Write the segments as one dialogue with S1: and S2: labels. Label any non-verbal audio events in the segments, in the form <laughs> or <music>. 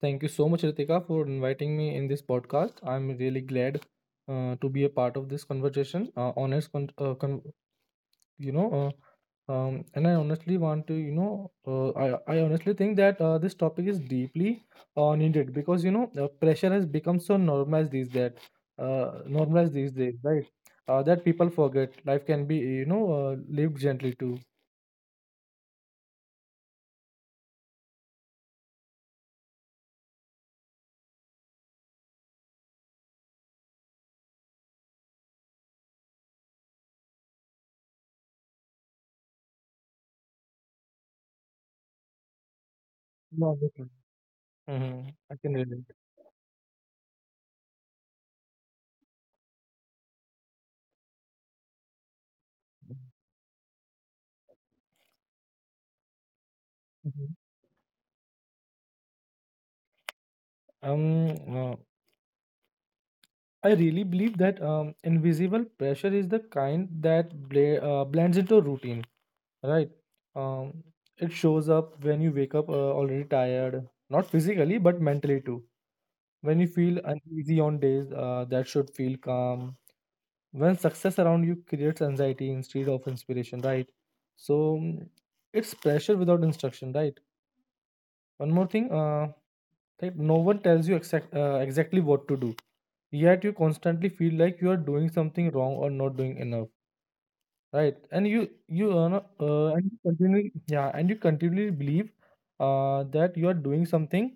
S1: Thank you so much, Ritika, for inviting me in this podcast. I'm really glad to be a part of this conversation. Honest, con- con- you know, and I honestly want to, I honestly think that this topic is deeply needed, because pressure has become so normalized these days, right? That people forget life can be, lived gently too. No, I can relate. Mhm. Um, uh, I really believe that invisible pressure is the kind that blends into routine, right? Um, it shows up when you wake up already tired, not physically, but mentally too. When you feel uneasy on days that should feel calm. When success around you creates anxiety instead of inspiration, right? So it's pressure without instruction, right? One more thing, like no one tells you exactly what to do, yet you constantly feel like you are doing something wrong or not doing enough, right, and you no- and you continually yeah, and you continually believe that you are doing something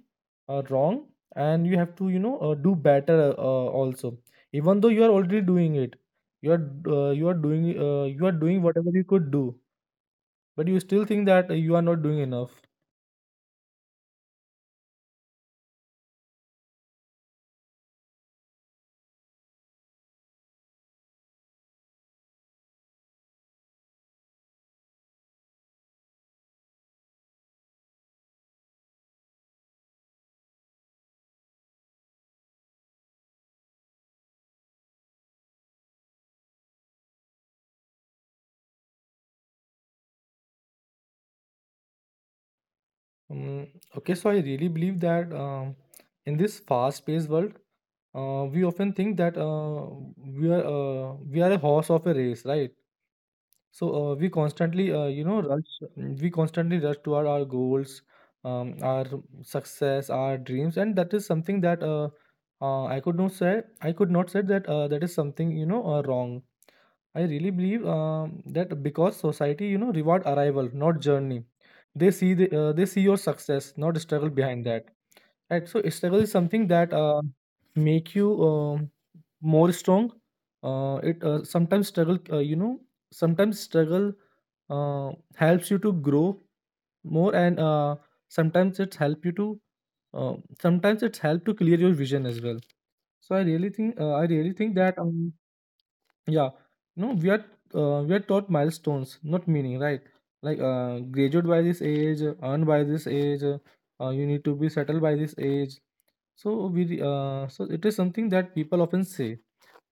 S1: wrong, and you have to do better, also, even though you are already doing it, you are you are doing whatever you could do, but you still think that you are not doing enough. Um, okay, so I really believe that in this fast-paced world, we often think that we are a horse of a race, right? So we constantly, rush. We constantly rush toward our goals, our success, our dreams, and that is something that I could not say. I could not say that is something wrong. I really believe that, because society, reward arrival, not journey. They see your success, not struggle behind that. Right. So struggle is something that make you more strong. It sometimes struggle, you know, sometimes struggle uh, helps you to grow more, and sometimes it's help you to uh, sometimes it's help to clear your vision as well. So I really think that yeah, no, we are we are taught milestones, not meaning, right? Like graduate by this age, earn by this age, you need to be settled by this age. So it is something that people often say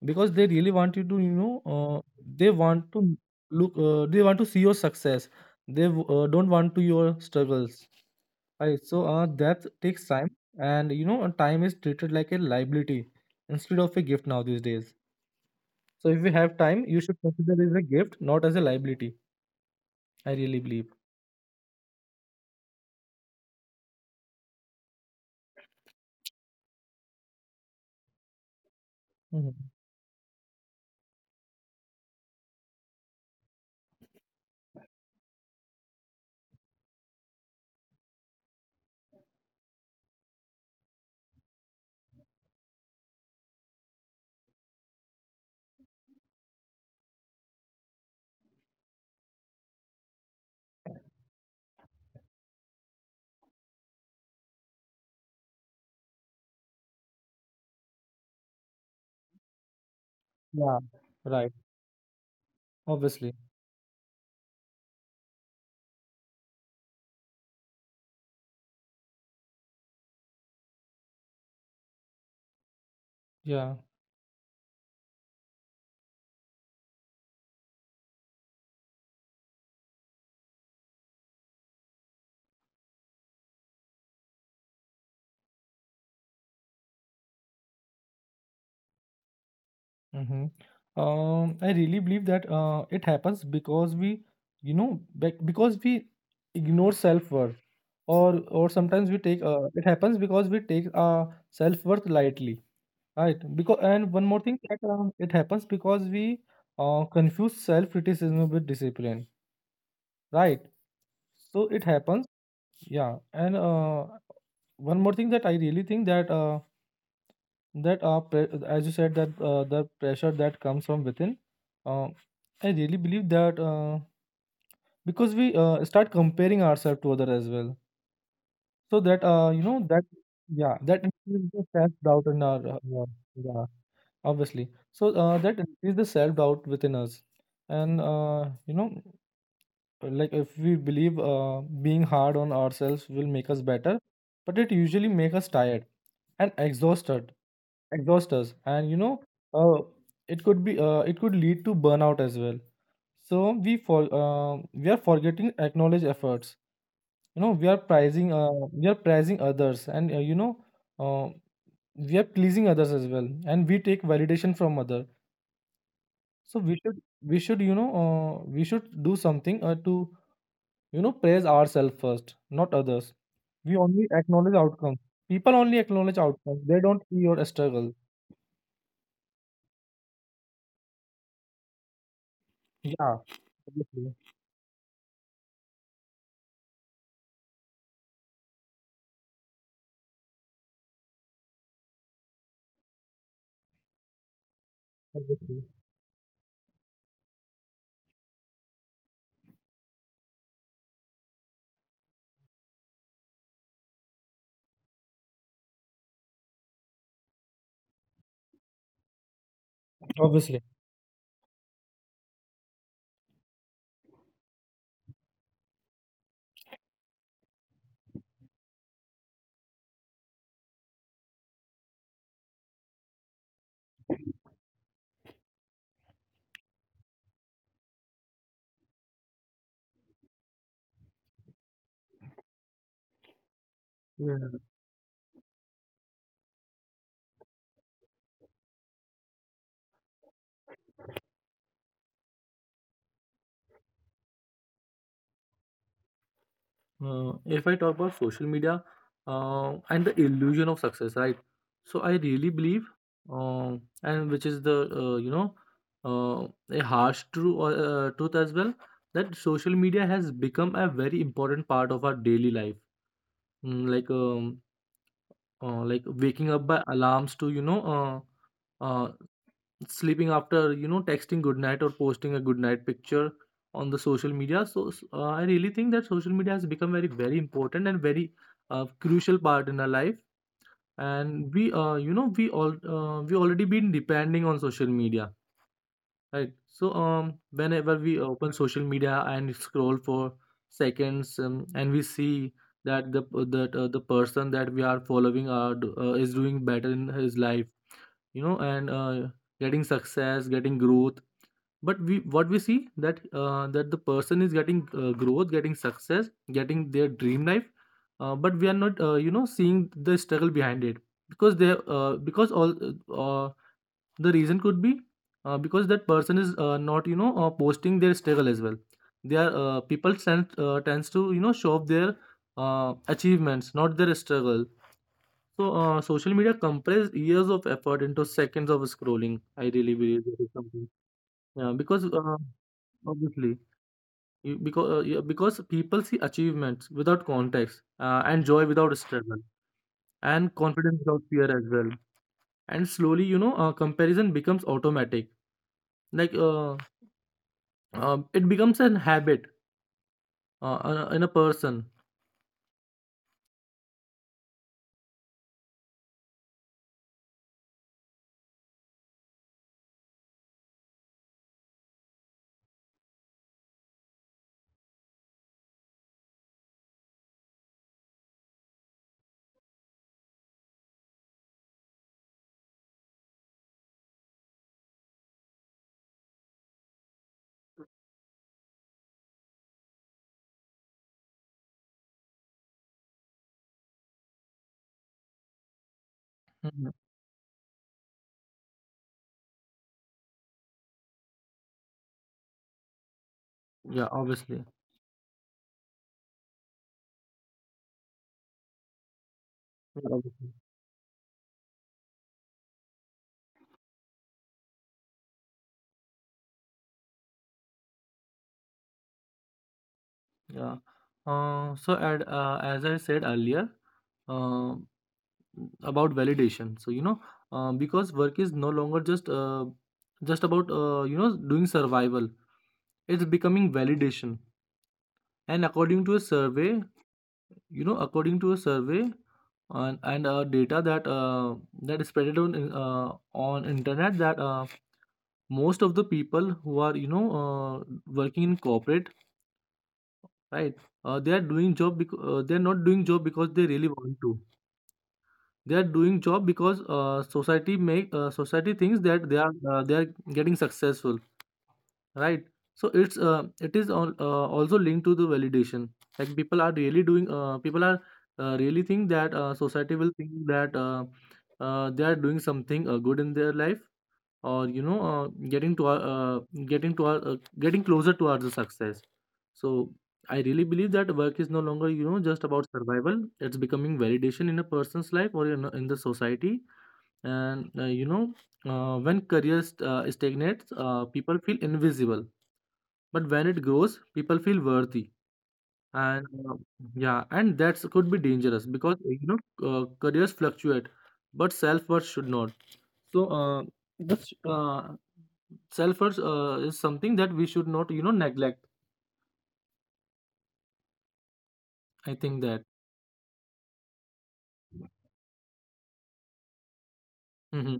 S1: because they really want you to, they want to they want to see your success. They don't want to your struggles. Right, so that takes time, and time is treated like a liability instead of a gift now these days. So if you have time, you should consider it as a gift, not as a liability. I really believe. Hmm. Yeah. Right. Obviously. Yeah. Hmm. I really believe that it happens because we, you know, because we ignore self worth, or sometimes we take. It happens because we take self worth lightly, right? Because, and one more thing, that it happens because we confuse self criticism with discipline, right? So it happens. Yeah, and one more thing that I really think that that pre- as you said, that the pressure that comes from within, uh, I really believe that because we start comparing ourselves to other as well, so that you know that yeah that increases the self doubt in our yeah, yeah, obviously, so that increases the self doubt within us, and like if we believe being hard on ourselves will make us better, but it usually make us tired and exhaust us, and uh, it could lead to burnout as well, so we are forgetting acknowledge efforts, you know, we are prizing others, and uh, we are pleasing others as well, and we take validation from other, so we should do something to, you know, praise ourselves first, not others. We only acknowledge outcomes. People only acknowledge outcomes. They don't see your struggle. Yeah, obviously, obviously, obviously. Yeah. If I talk about social media and the illusion of success, right? So I really believe, uh, and which is the you know uh, a harsh true truth as well, that social media has become a very important part of our daily life. Like like waking up by alarms to, sleeping after, you know, texting good night or posting a good night picture on the social media, so I really think that social media has become very, very important and very crucial part in our life, and we you know we all we already been depending on social media. Right. So whenever we open social media and scroll for seconds, and we see that the person that we are following is doing better in his life, you know, and getting success, getting growth. But we what we see, that the person is getting growth, getting success, getting their dream life, but we are not, seeing the struggle behind it, because they because all uh, the reason could be because that person is not, posting their struggle as well. They are people tend tends to, you know, show up their achievements, not their struggle. So social media compress years of effort into seconds of scrolling. I really believe that is something. Yeah, because obviously, because people see achievements without context, and joy without struggle, and confidence without fear as well. And slowly, comparison becomes automatic, like uh, it becomes an habit in a person. Mhm. Yeah, obviously. Yeah. Obviously. Yeah. So, as I said earlier, uh, about validation. So, because work is no longer just about, doing survival. It's becoming validation. And according to a survey and and data that is spread on internet, that most of the people who are, working in corporate, right, they are doing job because they are not doing job because they really want to, they are doing job because society thinks that they are getting successful, right, so it's it is al- also linked to the validation, like people are really doing people are really think that society will think that they are doing something good in their life, or getting to our getting to our getting closer towards the success. So I really believe that work is no longer, just about survival. It's becoming validation in a person's life or in the society, and when stagnates, people feel invisible, but when it grows, people feel worthy, and yeah, and that could be dangerous, because careers fluctuate, but self-worth should not, so, this self worth is something that we should not, you know, neglect. I think that. Mm-hmm.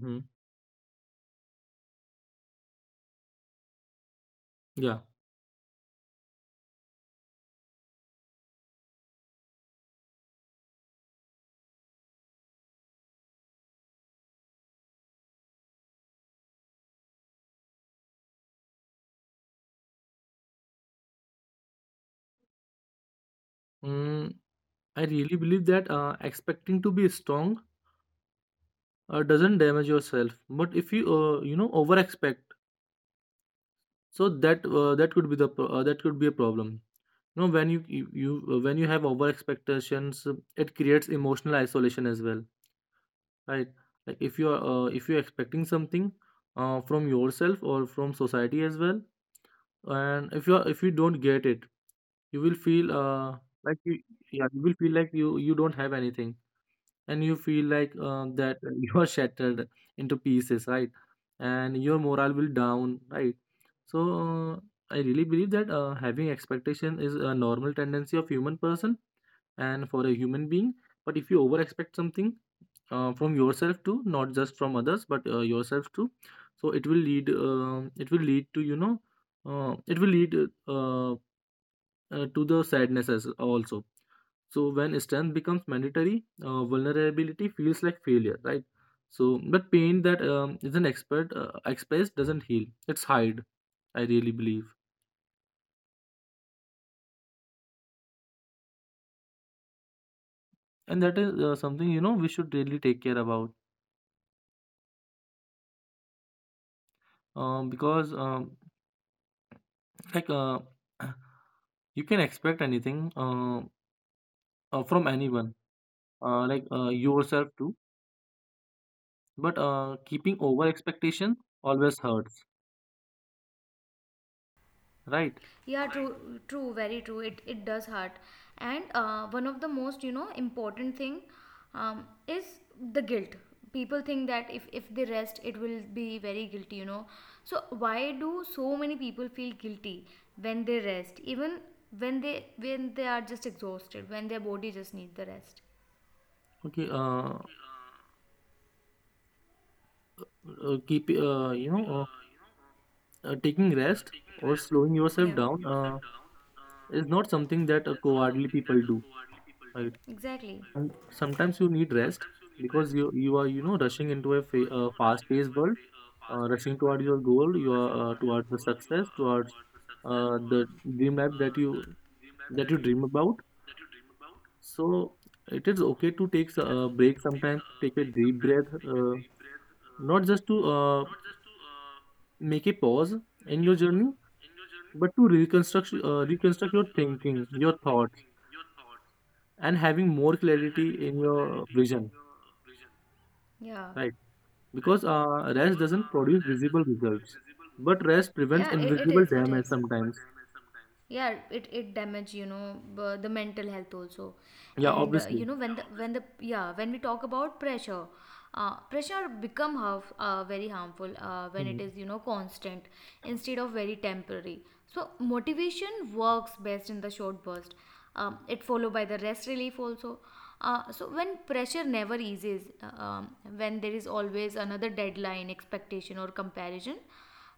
S1: Mm-hmm. Yeah. Mm, I really believe that expecting to be strong doesn't damage yourself, but if you, over expect, so that could be a problem. You know, when you when you have over expectations, it creates emotional isolation as well. Right. Like if you are if you're expecting something from yourself or from society as well, and if you are, if you don't get it, you will feel like you, yeah, you will feel like you don't have anything, and you feel like that <laughs> you are shattered into pieces, right? And your morale will down, right? So I really believe that having expectation is a normal tendency of human person and for a human being. But if you over expect something from yourself too, not just from others, but yourself too, so it will lead to it will lead uh, to the sadness as also. So when strength becomes mandatory, vulnerability feels like failure, right? So but pain that is an expert expressed doesn't heal, it's hide, I really believe. And that is something, you know, we should really take care about, because like <clears throat> you can expect anything from anyone, like yourself too. But keeping over expectation always hurts, right?
S2: Yeah, true, true, very true. It does hurt, and one of the most important thing is the guilt. People think that if they rest, it will be very guilty. So why do so many people feel guilty when they rest, even when they are just exhausted, when their body just needs the rest.
S1: Okay, keep you know, taking rest or slowing yourself
S2: Yeah,
S1: down is not something that cowardly people do, right?
S2: exactly.
S1: And sometimes you need rest because you are, you know, rushing into a fast-paced world, rushing toward your goal, you are towards the success, towards the dream life that you dream about. So it is okay to take a break sometimes, take a deep breath, not just to make a pause in your journey, but to reconstruct reconstruct your thinking, your thoughts, and having more clarity in your vision,
S2: Yeah.
S1: right? Because rest doesn't produce visible results, but rest prevents
S2: Yeah, it
S1: invisible damage
S2: is.
S1: sometimes.
S2: Yeah, it damage the mental health also.
S1: Yeah,
S2: And
S1: obviously.
S2: when yeah the when the yeah when we talk about pressure, pressure become very harmful when it
S1: Mhm.
S2: is constant, instead of very temporary. So motivation works best in the short burst, it followed by the rest, relief also. So when pressure never eases, when there is always another deadline, expectation, or comparison,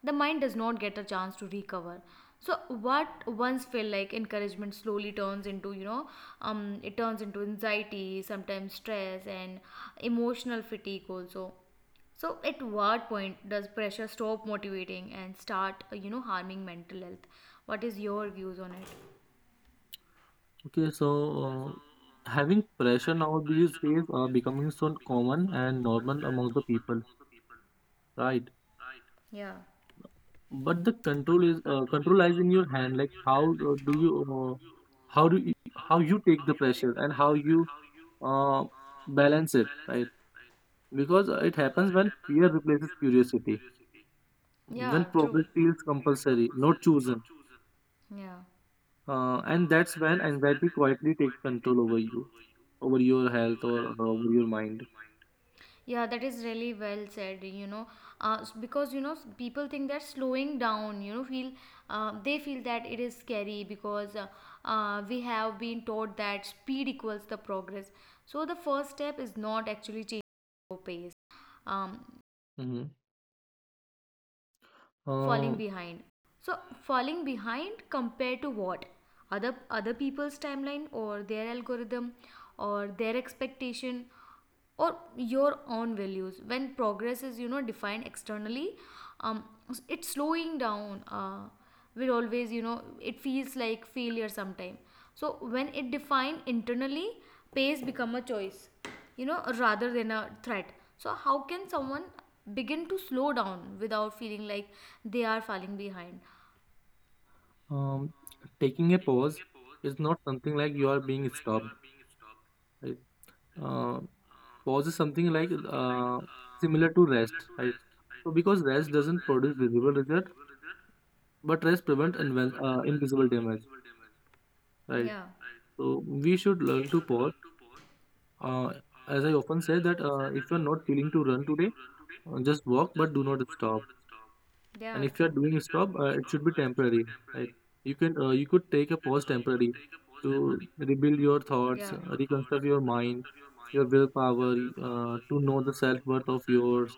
S2: the mind does not get a chance to recover. So what once felt like encouragement slowly turns into anxiety, sometimes stress and emotional fatigue also. So at what point does pressure stop motivating and start harming mental health? What is your views on it?
S1: Okay, so having pressure now these days are becoming so common and normal among the people, right?
S2: Yeah,
S1: But the control is control lies in your hand. Like how do you how do you, how you take the pressure and how you uh, balance it, right? Because it happens when fear replaces curiosity, when
S2: yeah, true,
S1: progress feels compulsory, not chosen,
S2: Chosen. Yeah.
S1: and that's when anxiety quietly takes control over you, over your health or over your mind.
S2: Yeah, that is really well said. Because people think that slowing down, you know, feel they feel that it is scary, because we have been taught that speed equals the progress. So the first step is not actually changing your pace, um,
S1: hmm Uh,
S2: falling behind. So falling behind compared to what? Other people's timeline, or their algorithm, or their expectation, or your own values? When progress is defined externally, um, it's slowing down, we always it feels like failure sometime. So when it defined internally, pace become a choice, rather than a threat. So how can someone begin to slow down without feeling like they are falling behind?
S1: um, Taking a pause is not something like you are being stopped, right? Uh, Pause is something like similar to rest, right? So because rest doesn't produce visible result, but rest prevents invisible damage, right?
S2: Yeah,
S1: So we should learn to pause. Uh, as I often say that if you're not feeling to run today, just walk, but do not stop. And
S2: yeah,
S1: if you're
S2: true.
S1: doing a stop, it should be temporary, right? You can you could take a pause temporary to rebuild your thoughts, reconstruct your mind, your willpower, to know the self worth of yours,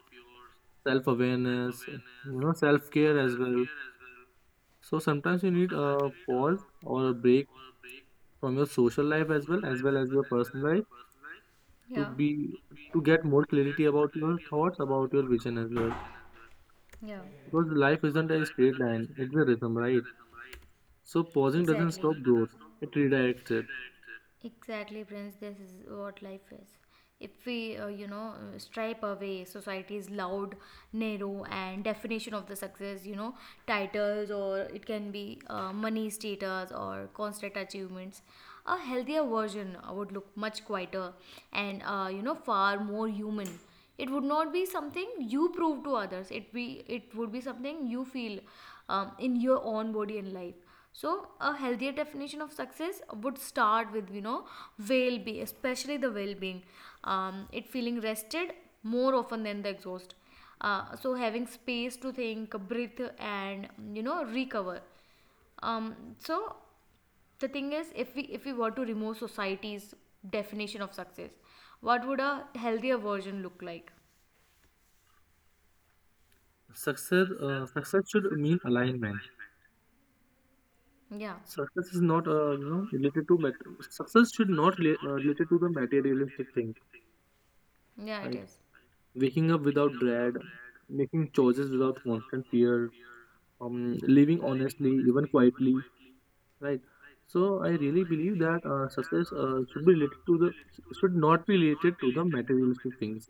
S1: self awareness, you know, self care as well. So sometimes you need a pause or a break from your social life as well, as well as your personal life to
S2: Yeah,
S1: be to get more clarity about your thoughts, about your vision as well.
S2: yeah.
S1: Because life isn't a straight line, it's a rhythm, right? So pausing doesn't
S2: Exactly.
S1: stop growth, it redirects it.
S2: It. Exactly, Prince. This is what life is. If we, stripe away society's loud, narrow, and definition of the success, titles, or it can be money, status, or constant achievements, a healthier version would look much quieter and, far more human. It would not be something you prove to others. It would be something you feel, in your own body and life. So a healthier definition of success would start with well being, especially the well being. It Feeling rested more often than the exhaust, so having space to think, breathe, and recover. So the thing is, if we were to remove society's definition of success, what would a healthier version look like?
S1: Success should mean alignment.
S2: Yeah,
S1: Success is not, you know, related to success should not related to the materialistic thing,
S2: yeah, it
S1: right?
S2: is.
S1: Waking up without dread, making choices without constant fear, living honestly, even quietly, right? So I really believe that success should be related to the, should not be related to the materialistic things,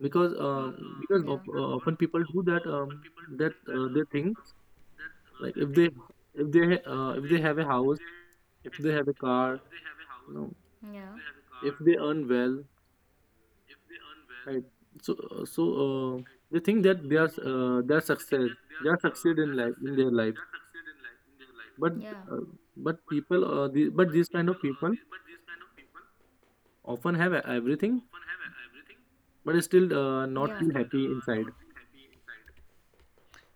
S1: because um, because what of, often people do that that they think like if they, if they if they have a house, if they have a car, you know,
S2: Yeah.
S1: if they earn well. Right. So, so uh, they think that they are success, they are succeed in life in their life. But
S2: Yeah.
S1: uh, but people, the, but these kind of people often have everything, but still not feel
S2: But
S1: happy inside.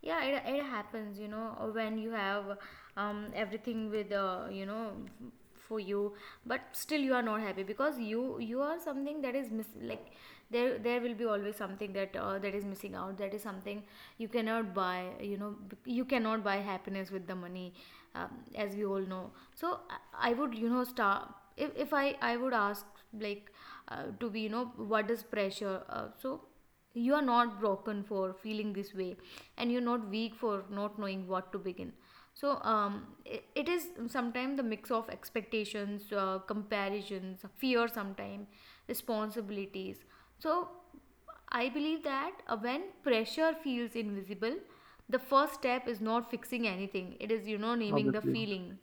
S2: yeah, it happens, when you have everything with for you, but still you are not happy, because you are something that is miss, like there will be always something that that is missing out, that is something you cannot buy. You cannot buy happiness with the money, um, as we all know. So I would start. If I would ask, like, to be what is pressure. So you are not broken for feeling this way, and you're not weak for not knowing what to begin. So it is sometimes the mix of expectations, comparisons, fear, sometimes responsibilities. So I believe that when pressure feels invisible, the first step is not fixing anything, it is naming the
S1: Obviously.
S2: feeling.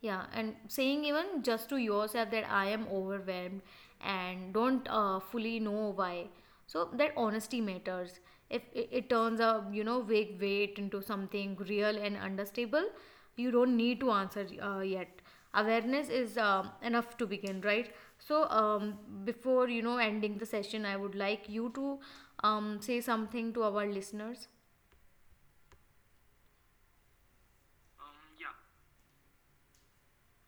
S2: Yeah, and saying, even just to yourself, that I am overwhelmed and don't fully know why. So that honesty matters. If it turns a vague weight into something real and understandable, you don't need to answer yet. Awareness is enough to begin, right? So before ending the session, I would like you to say something to our listeners.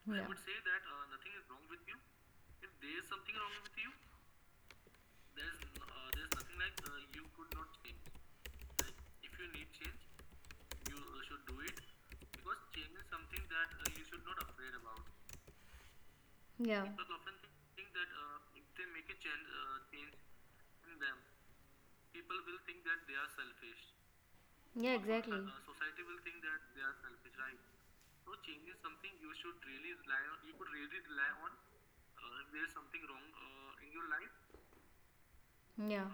S2: Yeah. Yeah. Yeah. Yeah.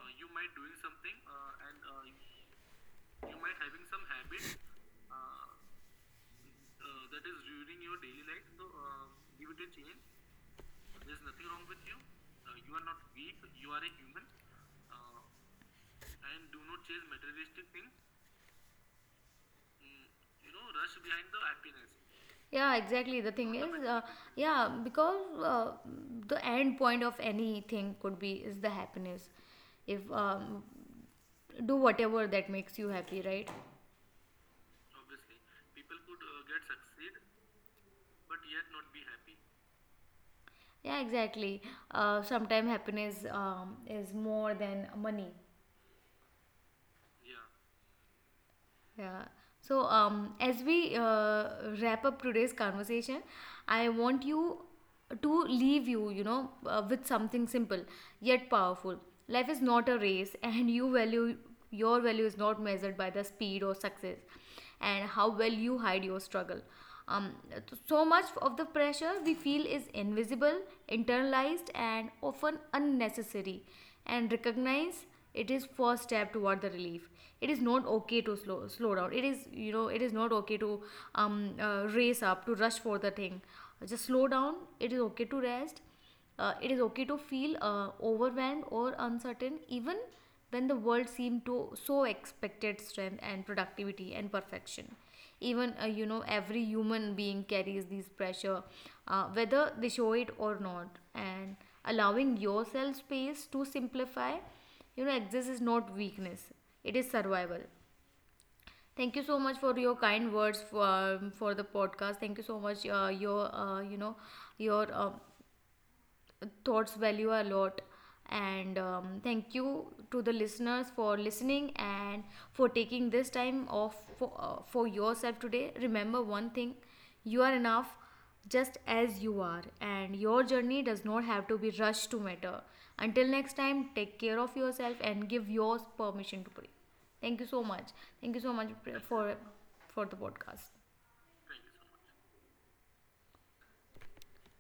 S2: Yeah, exactly. The thing is, yeah, because uh, the end point of anything could be is the happiness. If do whatever that makes you happy, right? Yeah, exactly. Sometimes happiness, is more than money. Yeah. So, as we wrap up today's conversation, I want you to leave you, with something simple yet powerful. Life is not a race, and your value is not measured by the speed or success and how well you hide your struggle. Um, so much of the pressure we feel is invisible, internalized, and often unnecessary. And recognize it is first step toward the relief. It is not okay to slow down. It is not okay to race up to rush for the thing. Just slow down. It is okay to rest, it is okay to feel overwhelmed or uncertain, even when the world seemed to so expected strength and productivity and perfection. Even every human being carries these pressure, whether they show it or not. And allowing yourself space to simplify, exist, is not weakness, it is survival. Thank you so much for your kind words for the podcast. Thank you so much, your you know your thoughts value a lot. And thank you to the listeners for listening and for taking this time off for yourself today. Remember one thing, you are enough just as you are, and your journey does not have to be rushed to matter. Until next time, take care of yourself and give yours permission to breathe. Thank you so much. Thank you so much for for the podcast.